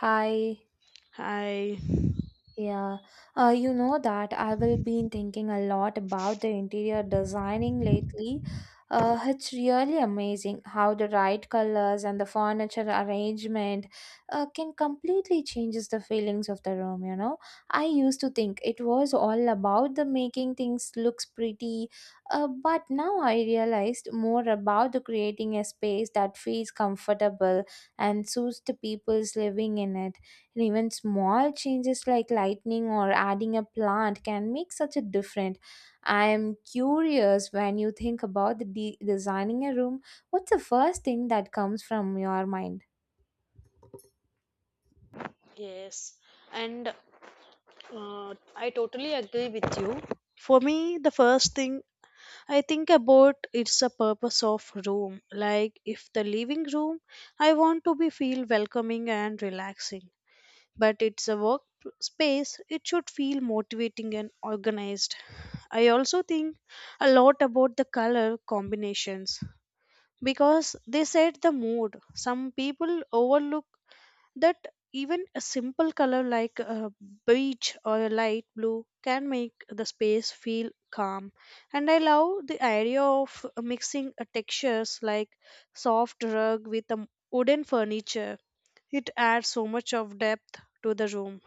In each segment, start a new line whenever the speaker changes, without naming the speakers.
Hi,
Hi.
yeah. You know that I will been thinking a lot about the interior designing lately. It's really amazing how the right colors and the furniture arrangement can completely changes the feelings of the room. I used to think it was all about the making things looks pretty, but now I realized more about the creating a space that feels comfortable and suits the people's living in it, and even small changes like lightning or adding a plant can make such a difference. I am curious when you think about the designing a room, what's the first thing that comes from your mind?
Yes, and I totally agree with you. For me, the first thing I think about is the purpose of room. Like if the living room, I want to be feel welcoming and relaxing. But it's a work space, it should feel motivating and organized. I also think a lot about the color combinations. Because they set the mood. Some people overlook that even a simple color like a beige or a light blue can make the space feel calm. And I love the idea of mixing textures like soft rug with a wooden furniture. It adds so much of depth to the room.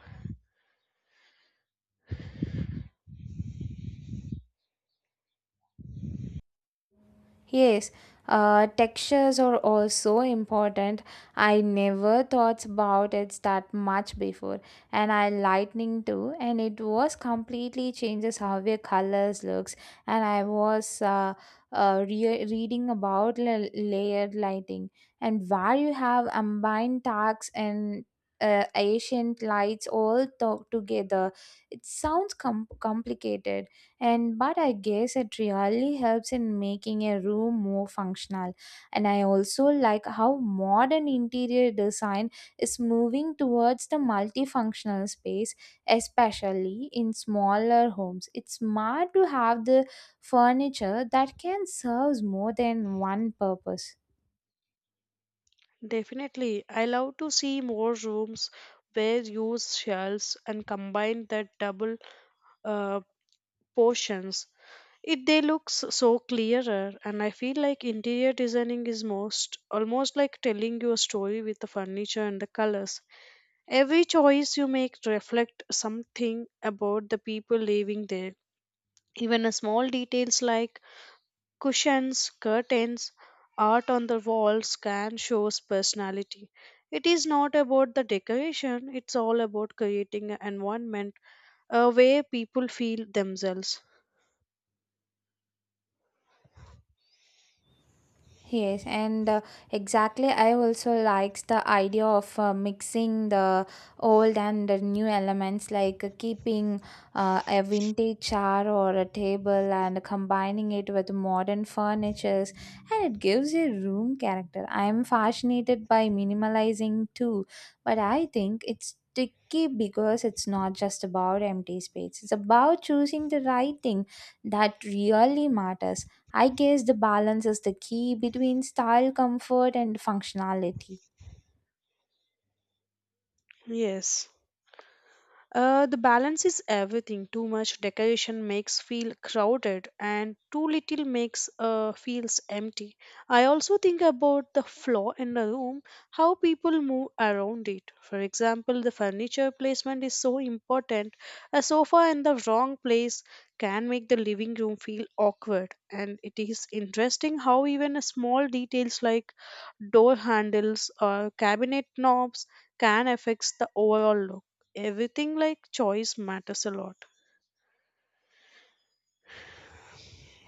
Yes, textures are also important. I never thought about it that much before, and I lightning too, and it was completely changes how the colors looks. And I was reading about layered lighting, and where you have combined darks and ancient lights all together. It sounds complicated, and but I guess it really helps in making a room more functional. And I also like how modern interior design is moving towards the multifunctional space, especially in smaller homes. It's smart to have the furniture that can serve more than one purpose.
Definitely, I love to see more rooms where use shells and combine that double uh, portions. It they looks so clearer and I feel like interior designing is most almost like telling you a story with the furniture and the colors. Every choice you make reflect something about the people living there. Even a small details like cushions, curtains, art on the walls can shows personality. It is not about the decoration, it's all about creating an environment where people feel themselves.
Yes, and exactly. I also likes the idea of mixing the old and the new elements, like keeping a vintage chair or a table and combining it with modern furnitures, and it gives a room character. I am fascinated by minimalizing too, but I think it's tricky because it's not just about empty space. It's about choosing the right thing that really matters. I guess the balance is the key between style, comfort, and functionality.
Yes. The balance is everything. Too much decoration makes feel crowded, and too little makes feels empty. I also think about the floor in the room, how people move around it. For example, the furniture placement is so important. A sofa in the wrong place can make the living room feel awkward, and it is interesting how even small details like door handles or cabinet knobs can affect the overall look everything like choice matters a lot.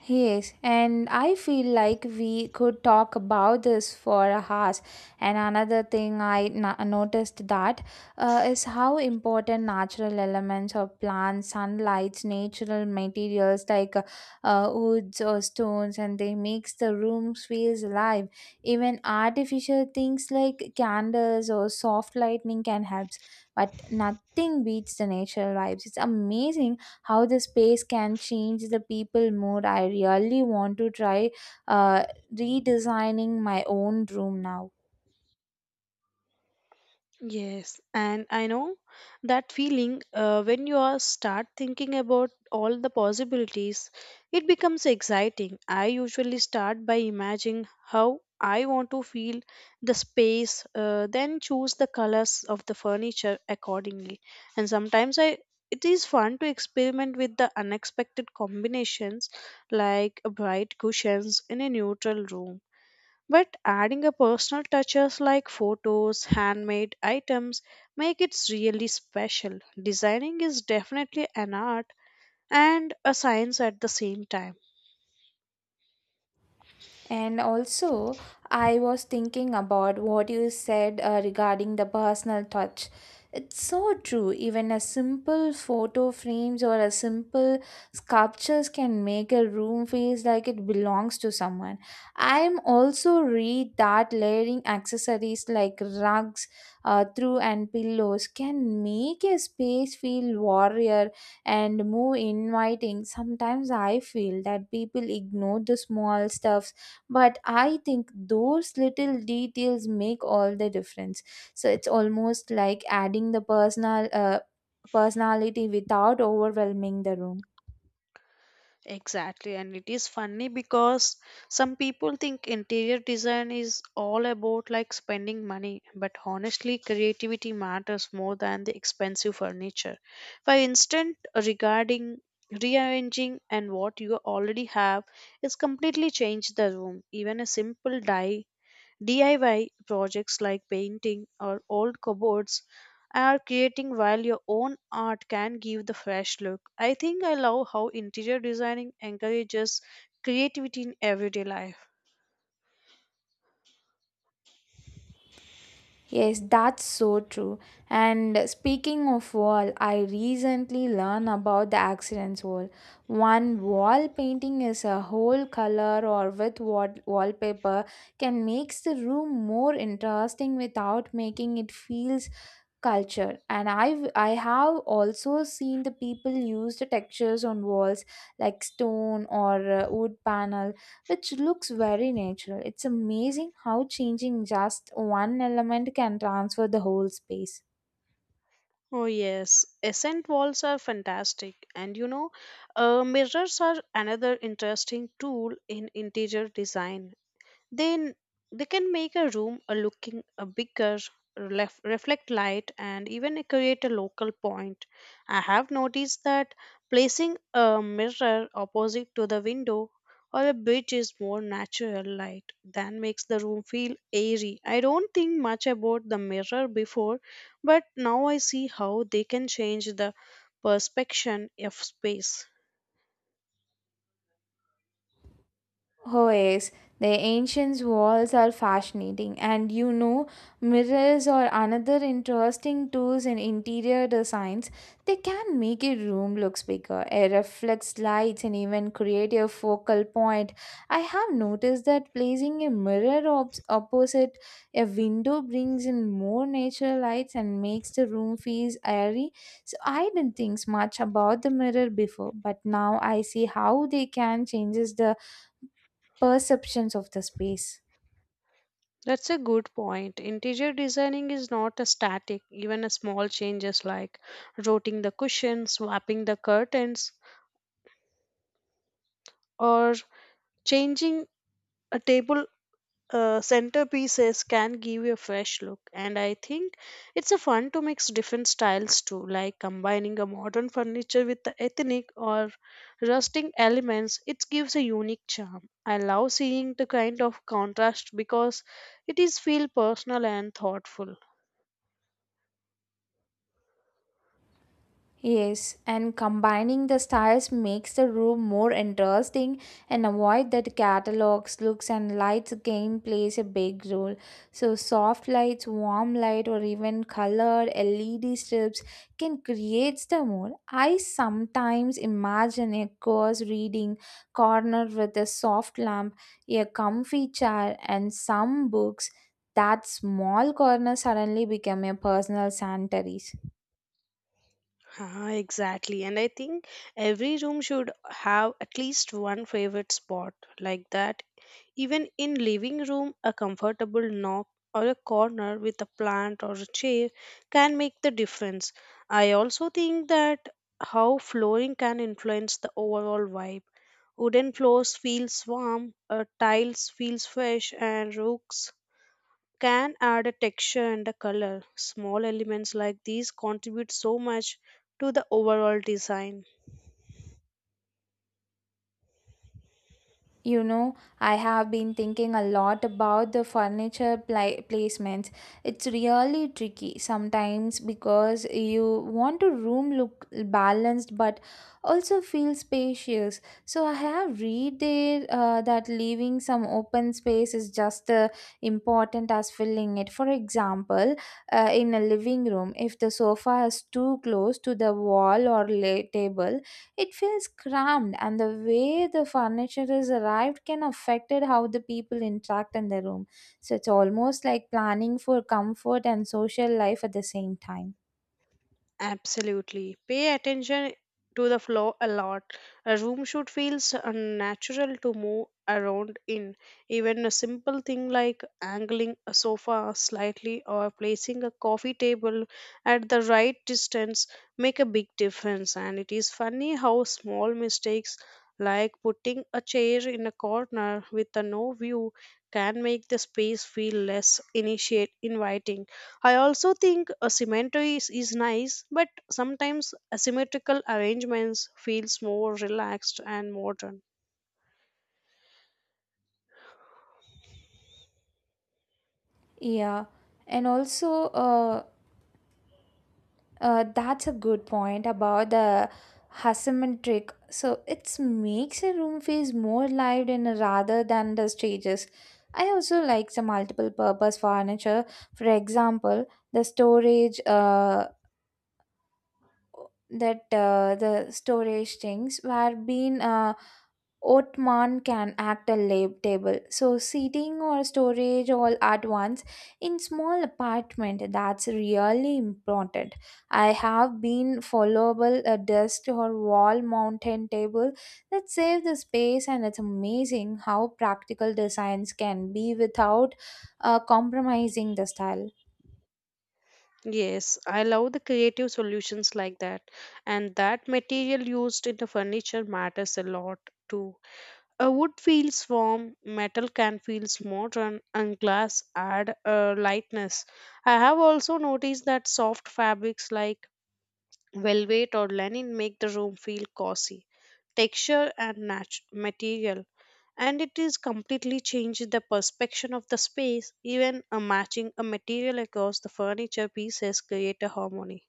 Yes, and I feel like we could talk about this for hours. And another thing I noticed that is how important natural elements of plants, sunlight, natural materials like woods or stones, and they makes the rooms feels alive. Even artificial things like candles or soft lightning can help, but nothing beats the natural vibes. It's amazing how the space can change the people mood. I really want to try uh, redesigning my own room now.
Yes, and I know that feeling when you are start thinking about all the possibilities, it becomes exciting. I usually start by imagining how I want to feel the space, then choose the colors of the furniture accordingly. And sometimes I it is fun to experiment with the unexpected combinations like bright cushions in a neutral room. But adding a personal touches like photos, handmade items make it really special. Designing is definitely an art and a science at the same time.
And also, I was thinking about what you said regarding the personal touch. It's so true. Even a simple photo frames or a simple sculptures can make a room feels like it belongs to someone. I'm also read that layering accessories like rugs, through and pillows can make a space feel warrior and more inviting. Sometimes I feel that people ignore the small stuffs, but I think those little details make all the difference. So it's almost like adding the personal personality without overwhelming the room.
Exactly, and it is funny because some people think interior design is all about like spending money, but honestly, creativity matters more than the expensive furniture. For instance, regarding rearranging and what you already have is completely change the room. Even a simple die DIY projects like painting or old cupboards are creating while your own art can give the fresh look. I think I love how interior designing encourages creativity in everyday life.
Yes, that's so true. And speaking of wall, I recently learned about the accidents wall. One wall painting is a whole color or with wallpaper can makes the room more interesting without making it feel culture. And I have also seen the people use the textures on walls like stone or wood panel, which looks very natural. It's amazing how changing just one element can transfer the whole space.
Oh yes, accent walls are fantastic, and you know, mirrors are another interesting tool in interior design. Then they can make a room a looking a bigger, reflect light, and even create a local point. I have noticed that placing a mirror opposite to the window or a bridge is more natural light than makes the room feel airy. I don't think much about the mirror before, but now I see how they can change the perception of space.
Oh yes, the ancient walls are fascinating, and you know, mirrors are another interesting tools in interior designs. They can make a room looks bigger, it reflects lights, and even create a focal point. I have noticed that placing a mirror opposite a window brings in more natural lights and makes the room feel airy. So I didn't think much about the mirror before, but now I see how they can changes the perceptions of the space.
That's a good point. Interior designing is not a static. Even a small changes like rotating the cushions, swapping the curtains, or changing a table centerpieces can give you a fresh look. And I think it's a fun to mix different styles too, like combining a modern furniture with the ethnic or rustic elements. It gives a unique charm. I love seeing the kind of contrast because it is feel personal and thoughtful.
Yes, and combining the styles makes the room more interesting and avoid that catalogs, looks and lights again plays a big role. So soft lights, warm light or even colored LED strips can create the mood. I sometimes imagine a course reading corner with a soft lamp, a comfy chair and some books. That small corner suddenly become a personal sanctuary.
Exactly. And I think every room should have at least one favorite spot like that. Even in living room, a comfortable nook or a corner with a plant or a chair can make the difference. I also think that how flooring can influence the overall vibe. Wooden floors feels warm, tiles feels fresh, and rugs can add a texture and a color. Small elements like these contribute so much to the overall design.
You know, I have been thinking a lot about the furniture placements. It's really tricky sometimes because you want a room look balanced but also feel spacious. So I have read there that leaving some open space is just as important as filling it. For example, in a living room, if the sofa is too close to the wall or table, it feels cramped, and the way the furniture is arrived can affect it how the people interact in the room. So it's almost like planning for comfort and social life at the same time.
Absolutely. Pay attention to the floor a lot. A room should feel natural to move around in. Even a simple thing like angling a sofa slightly or placing a coffee table at the right distance make a big difference. And it is funny how small mistakes like putting a chair in a corner with a no view can make the space feel less initiate inviting. I also think a cemetery is nice, but sometimes asymmetrical arrangements feels more relaxed and modern.
Yeah, and also, that's a good point about the asymmetric. So it makes a room feels more lived in rather than the stages. I also like the multiple purpose furniture. For example, the storage that the storage things where being ottoman can act a lab table. So seating or storage all at once in small apartment, that's really important. I have been followable a desk or wall mountain table that save the space, and it's amazing how practical designs can be without compromising the style.
Yes, I love the creative solutions like that, and that material used in the furniture matters a lot too. A wood feels warm, metal can feels modern, and glass add a lightness. I have also noticed that soft fabrics like velvet or linen make the room feel cozy texture and material and it is completely changed the perception of the space. Even a matching a material across the furniture pieces create a harmony.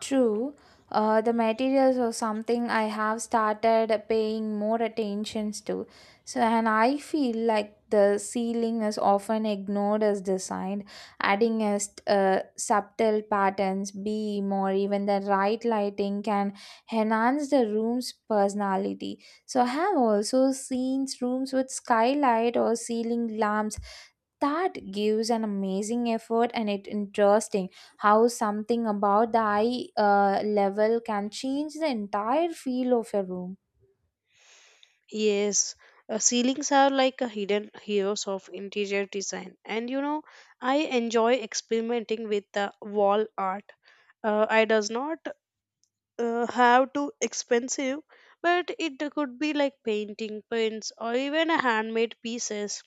True, the materials are something I have started paying more attentions to. So, and I feel like the ceiling is often ignored as design, adding a subtle patterns, beam, or even the right lighting can enhance the room's personality. So, I have also seen rooms with skylight or ceiling lamps that gives an amazing effort, and it interesting how something about the eye level can change the entire feel of a room.
Yes, ceilings are like a hidden heroes of interior design and you know I enjoy experimenting with the wall art. I does not have too expensive, but it could be like painting prints or even a handmade pieces.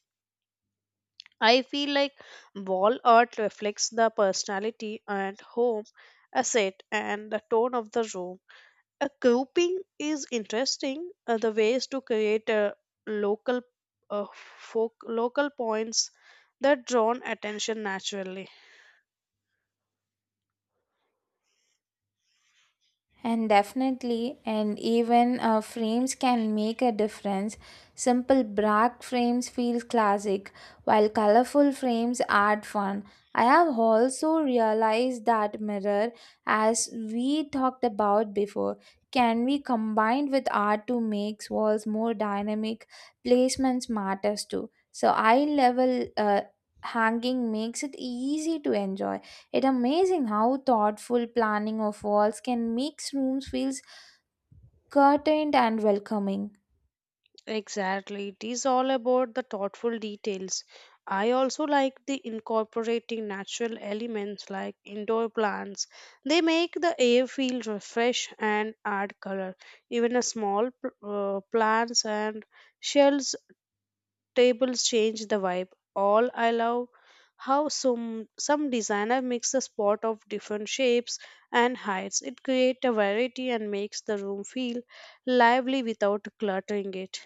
I feel like wall art reflects the personality and home asset and the tone of the room. A grouping is interesting. The ways to create a local local points that drawn attention naturally.
And definitely, and even frames can make a difference. Simple black frames feel classic, while colorful frames add fun. I have also realized that mirror, as we talked about before, can be combined with art to make walls more dynamic. Placements matters too. So eye level hanging makes it easy to enjoy. It amazing how thoughtful planning of walls can makes rooms feels curtained and welcoming.
Exactly. It is all about the thoughtful details. I also like the incorporating natural elements like indoor plants. They make the air feel refreshed and add color. Even a small plants and shells tables change the vibe. All I love how some designer mix a spot of different shapes and heights. It creates a variety and makes the room feel lively without cluttering it.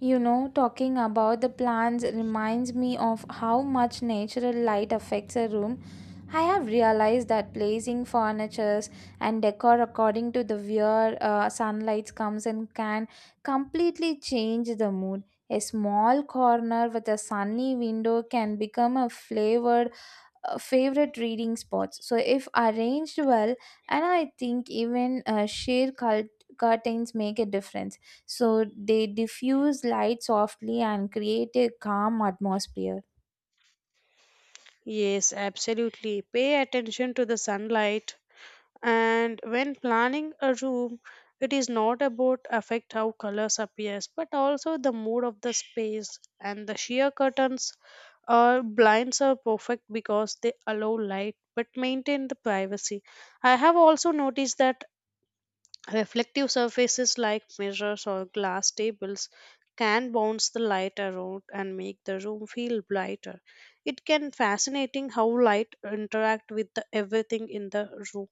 You know, talking about the plants reminds me of how much natural light affects a room. I have realized that placing furnitures and decor according to the where sunlight comes in can completely change the mood. A small corner with a sunny window can become a flavored favorite reading spots. So if arranged well, and I think even sheer cult curtains make a difference. So they diffuse light softly and create a calm atmosphere.
Yes, absolutely. Pay attention to the sunlight. And when planning a room, it is not about affect how colors appears, but also the mood of the space. And the sheer curtains or blinds are perfect because they allow light but maintain the privacy. I have also noticed that reflective surfaces like mirrors or glass tables can bounce the light around and make the room feel brighter. It can fascinating how light interact with the everything in the room.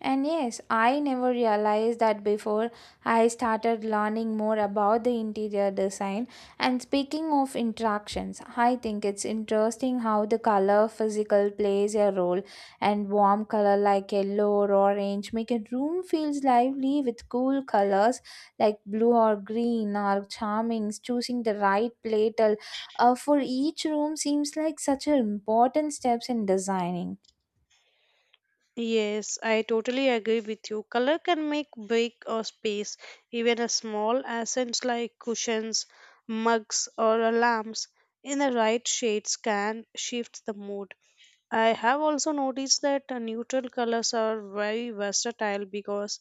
And yes, I never realized that before I started learning more about the interior design. And speaking of interactions, I think it's interesting how the color physical plays a role. And warm color like yellow or orange make a room feels lively with cool colors like blue or green or charming. Choosing the right platel for each room seems like such an important steps in designing.
Yes, I totally agree with you. Color can make big or space, even a small accents like cushions, mugs, or a lamps in the right shades can shift the mood. I have also noticed that neutral colors are very versatile because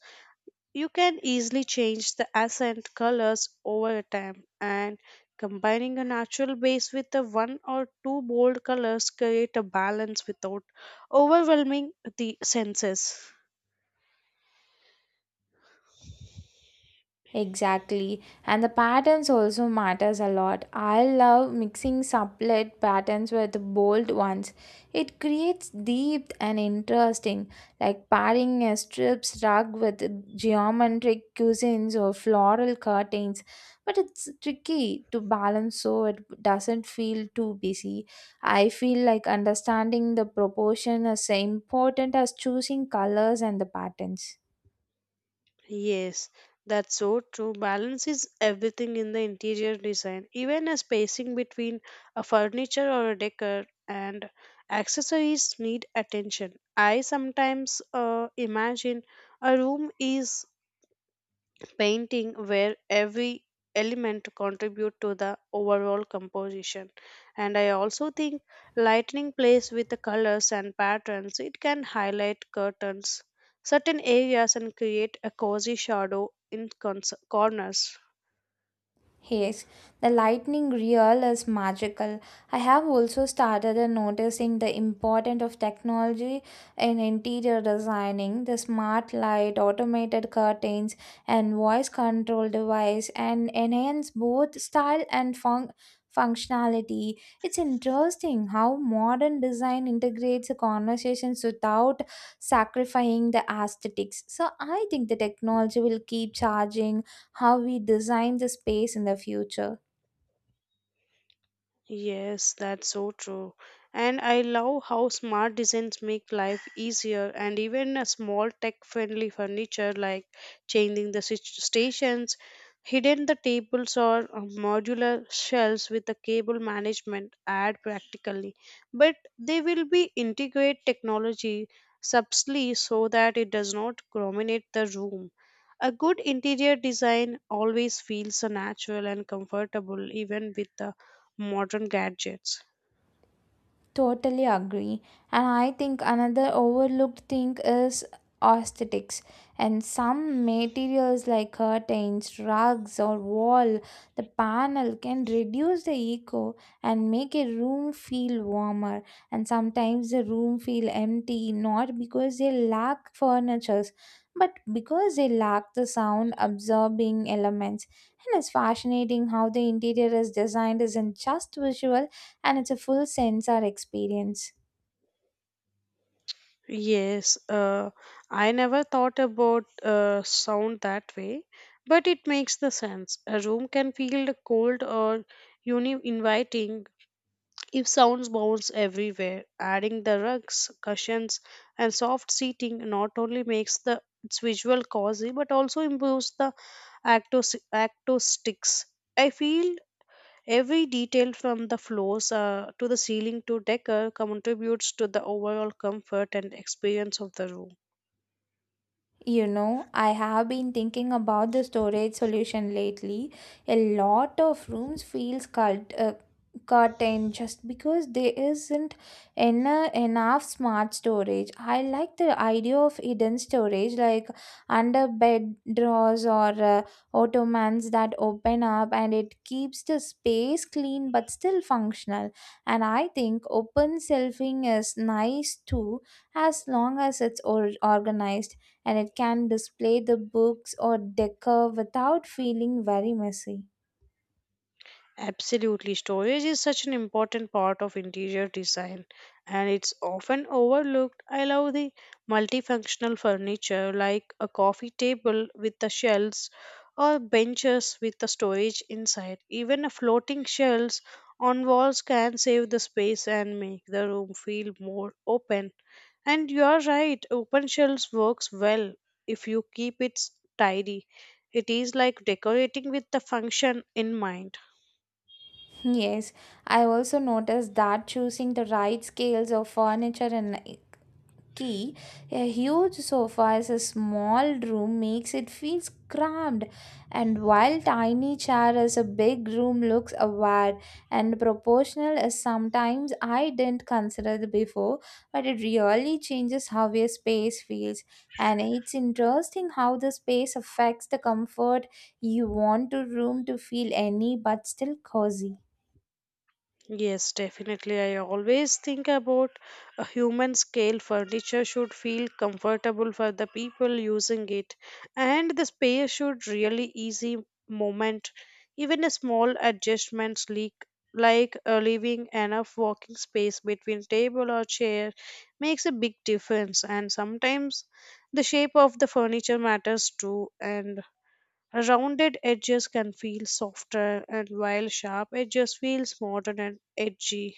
you can easily change the accent colors over time, and combining a natural base with a one or two bold colors create a balance without overwhelming the senses.
Exactly. And the patterns also matters a lot. I love mixing sublet patterns with bold ones. It creates deep and interesting, like pairing a strips rug with geometric cuisines or floral curtains. But it's tricky to balance so it doesn't feel too busy. I feel like understanding the proportion is important as choosing colors and the patterns.
Yes, that's so true. Balance is everything in the interior design. Even a spacing between a furniture or a decor and accessories need attention. I sometimes imagine a room is painting where every element contribute to the overall composition. And I also think lightning plays with the colors and patterns. It can highlight curtains certain areas and create a cozy shadow in corners.
Yes, the lightning reel is magical. I have also started noticing the importance of technology in interior designing. The smart light, automated curtains, and voice control device and enhance both style and functionality. It's interesting how modern design integrates conversations without sacrificing the aesthetics. So I think the technology will keep charging how we design the space in the future.
Yes, that's so true. And I love how smart designs make life easier, and even a small tech-friendly furniture like changing the stations, hidden the tables or modular shelves with the cable management add practically. But they will be integrate technology subtly so that it does not dominate the room. A good interior design always feels so natural and comfortable even with the modern gadgets.
Totally agree. And I think another overlooked thing is aesthetics. And some materials like curtains, rugs, or wall, the panel can reduce the echo and make a room feel warmer. And sometimes the room feel empty, not because they lack furnitures, but because they lack the sound absorbing elements. And it's fascinating how the interior is designed isn't just visual, and it's a full sensor experience.
Yes, I never thought about sound that way, but it makes the sense. A room can feel cold or inviting if sounds bounce everywhere. Adding the rugs, cushions, and soft seating not only makes the its visual cozy, but also improves the acoustics. I feel every detail from the floors to the ceiling to decor contributes to the overall comfort and experience of the room.
You know, I have been thinking about the storage solution lately. A lot of rooms feels cut in just because there isn't enough smart storage. I like the idea of hidden storage like under bed drawers or ottomans that open up, and it keeps the space clean but still functional. And I think open shelving is nice too, as long as it's organized, and it can display the books or decor without feeling very messy.
Absolutely, storage is such an important part of interior design and it's often overlooked. I love the multifunctional furniture like a coffee table with the shelves or benches with the storage inside. Even a floating shelves on walls can save the space and make the room feel more open. And you're right, open shelves works well if you keep it tidy. It is like decorating with the function in mind.
Yes, I also noticed that choosing the right scales of furniture and key, a huge sofa as a small room makes it feel cramped, and while tiny chair as a big room looks aware and proportional as sometimes I didn't consider the before, but it really changes how a space feels. And it's interesting how the space affects the comfort you want to room to feel any but still cozy.
Yes, definitely. I always think about a human scale furniture should feel comfortable for the people using it, and the space should really easy movement. Even a small adjustments leak like leaving enough walking space between table or chair makes a big difference. And sometimes the shape of the furniture matters too, and rounded edges can feel softer and while sharp edges feels modern and edgy.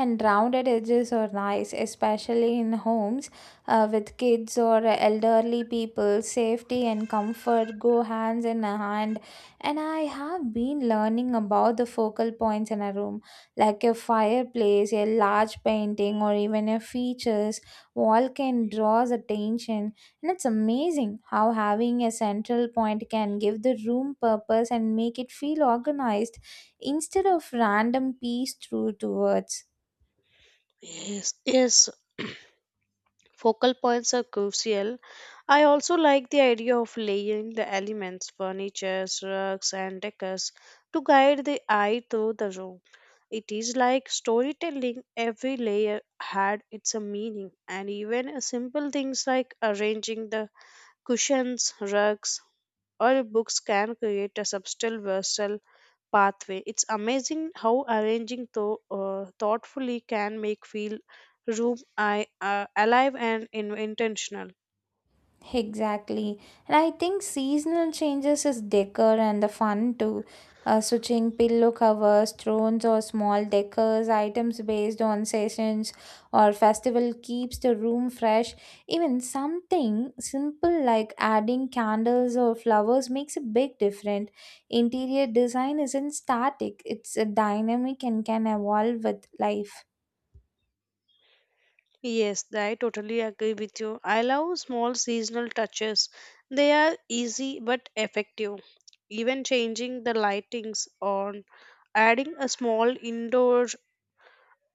And rounded edges are nice, especially in homes with kids or elderly people. Safety and comfort go hands in hand. And I have been learning about the focal points in a room, like a fireplace, a large painting, or even a features. Wall can draws attention, and it's amazing how having a central point can give the room purpose and make it feel organized instead of random piece through towards.
Yes. Focal points are crucial. I also like the idea of layering the elements, furniture, rugs, and decors to guide the eye through the room. It is like storytelling, every layer had its a meaning, and even a simple things like arranging the cushions, rugs, or books can create a subtle vessel pathway. It's amazing how arranging thoughtfully can make feel room alive and intentional.
Exactly. And I think seasonal changes is decor and the fun too. Switching pillow covers, thrones, or small decors, items based on seasons or festival keeps the room fresh. Even something simple like adding candles or flowers makes a big difference. Interior design isn't static, it's a dynamic and can evolve with life.
Yes, I totally agree with you. I love small seasonal touches. They are easy but effective. Even changing the lightings on adding a small indoor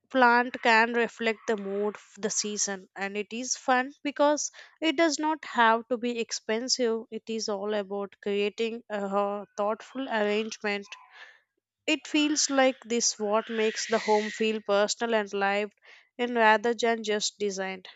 plant can reflect the mood of the season. And it is fun because it does not have to be expensive. It is all about creating a thoughtful arrangement. It feels like this what makes the home feel personal and lived in rather than just designed.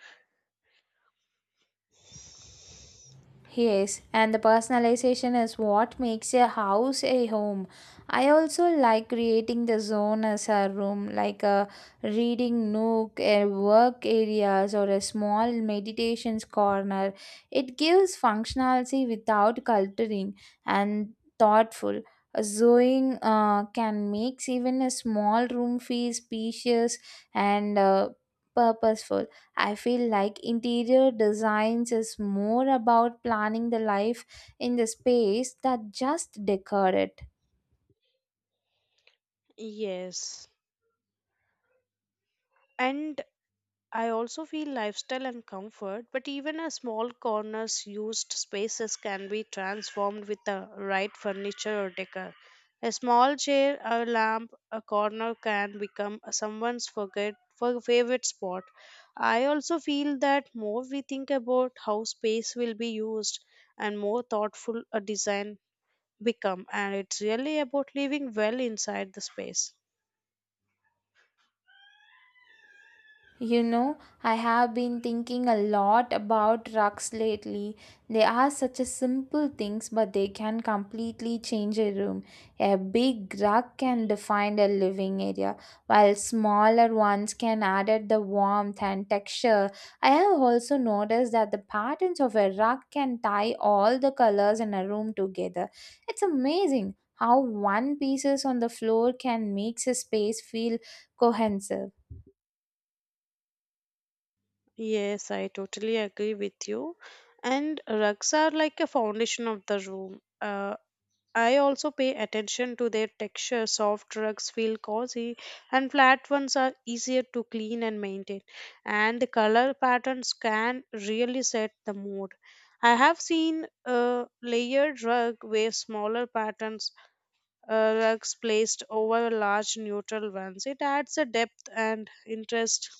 Yes, and the personalization is what makes a house a home. I also like creating the zone as a room, like a reading nook, a work areas, or a small meditations corner. It gives functionality without cluttering and thoughtful. Zoning can make even a small room feel spacious and purposeful. I feel like interior designs is more about planning the life in the space that just decor it.
Yes, and I also feel lifestyle and comfort, but even a small corner's used spaces can be transformed with the right furniture or decor. A small chair, a lamp, a corner can become someone's forget for favorite spot. I also feel that more we think about how space will be used and more thoughtful a design become, and it's really about living well inside the space.
You know, I have been thinking a lot about rugs lately. They are such a simple things, but they can completely change a room. A big rug can define a living area, while smaller ones can add at the warmth and texture. I have also noticed that the patterns of a rug can tie all the colors in a room together. It's amazing how one pieces on the floor can make a space feel cohesive.
Yes, I totally agree with you. And rugs are like a foundation of the room. I also pay attention to their texture. Soft rugs feel cozy, and flat ones are easier to clean and maintain. And the color patterns can really set the mood. I have seen a layered rug where smaller patterns rugs placed over large neutral ones. It adds a depth and interest,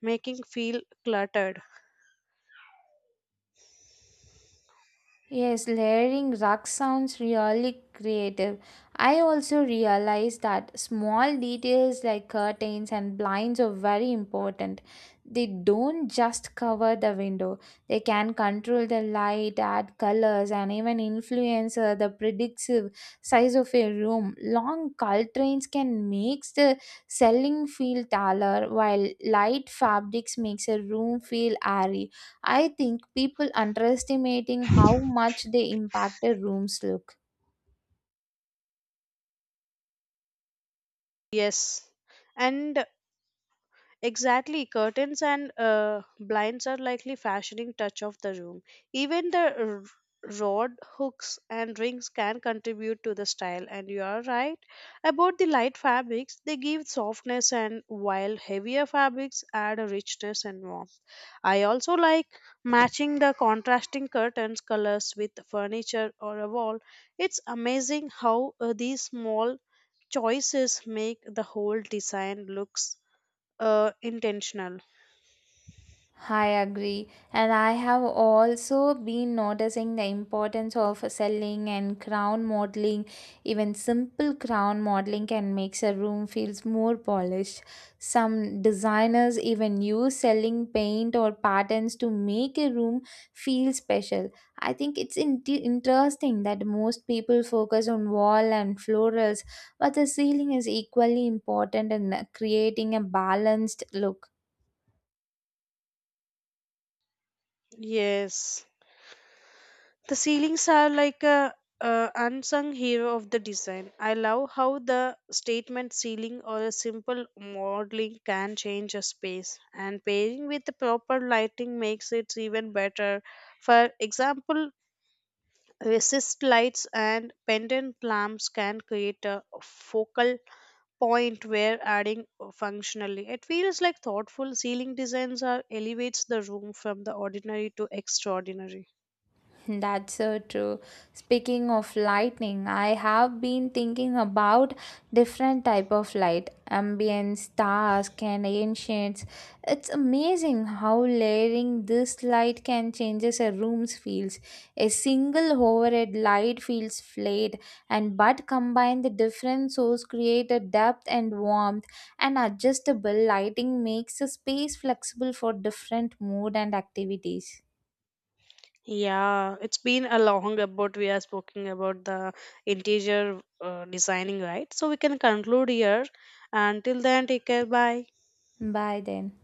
making feel cluttered.
Yes, layering rug sounds really creative. I also realized that small details like curtains and blinds are very important. They don't just cover the window, they can control the light, add colors, and even influence the predictive size of a room. Long curtains can make the selling feel taller, while light fabrics makes a room feel airy. I think people underestimating how much they impact a room's look.
Yes, and exactly, curtains and blinds are likely fashioning touch of the room. Even the rod hooks and rings can contribute to the style. And you are right about the light fabrics; they give softness, and while heavier fabrics add a richness and warmth. I also like matching the contrasting curtains colors with furniture or a wall. It's amazing how these small choices make the whole design looks intentional.
I agree. And I have also been noticing the importance of selling and crown modeling. Even simple crown modeling can make a room feels more polished. Some designers even use selling paint or patterns to make a room feel special. I think it's interesting that most people focus on wall and florals, but the ceiling is equally important in creating a balanced look.
Yes, the ceilings are like a unsung hero of the design. I love how the statement ceiling or a simple modeling can change a space, and pairing with the proper lighting makes it even better. For example, resist lights and pendant lamps can create a focal point where adding functionally. It feels like thoughtful ceiling designs are elevates the room from the ordinary to extraordinary.
That's so true. Speaking of lightning, I have been thinking about different type of light, ambient stars and ancients. It's amazing how layering this light can changes a room's feels. A single overhead light feels flat, and but combine the different sources create a depth and warmth. And adjustable lighting makes a space flexible for different mood and activities.
Yeah, it's been a long about we are speaking about the interior designing, right? So we can conclude here. Until then, take care. Bye.
Bye then.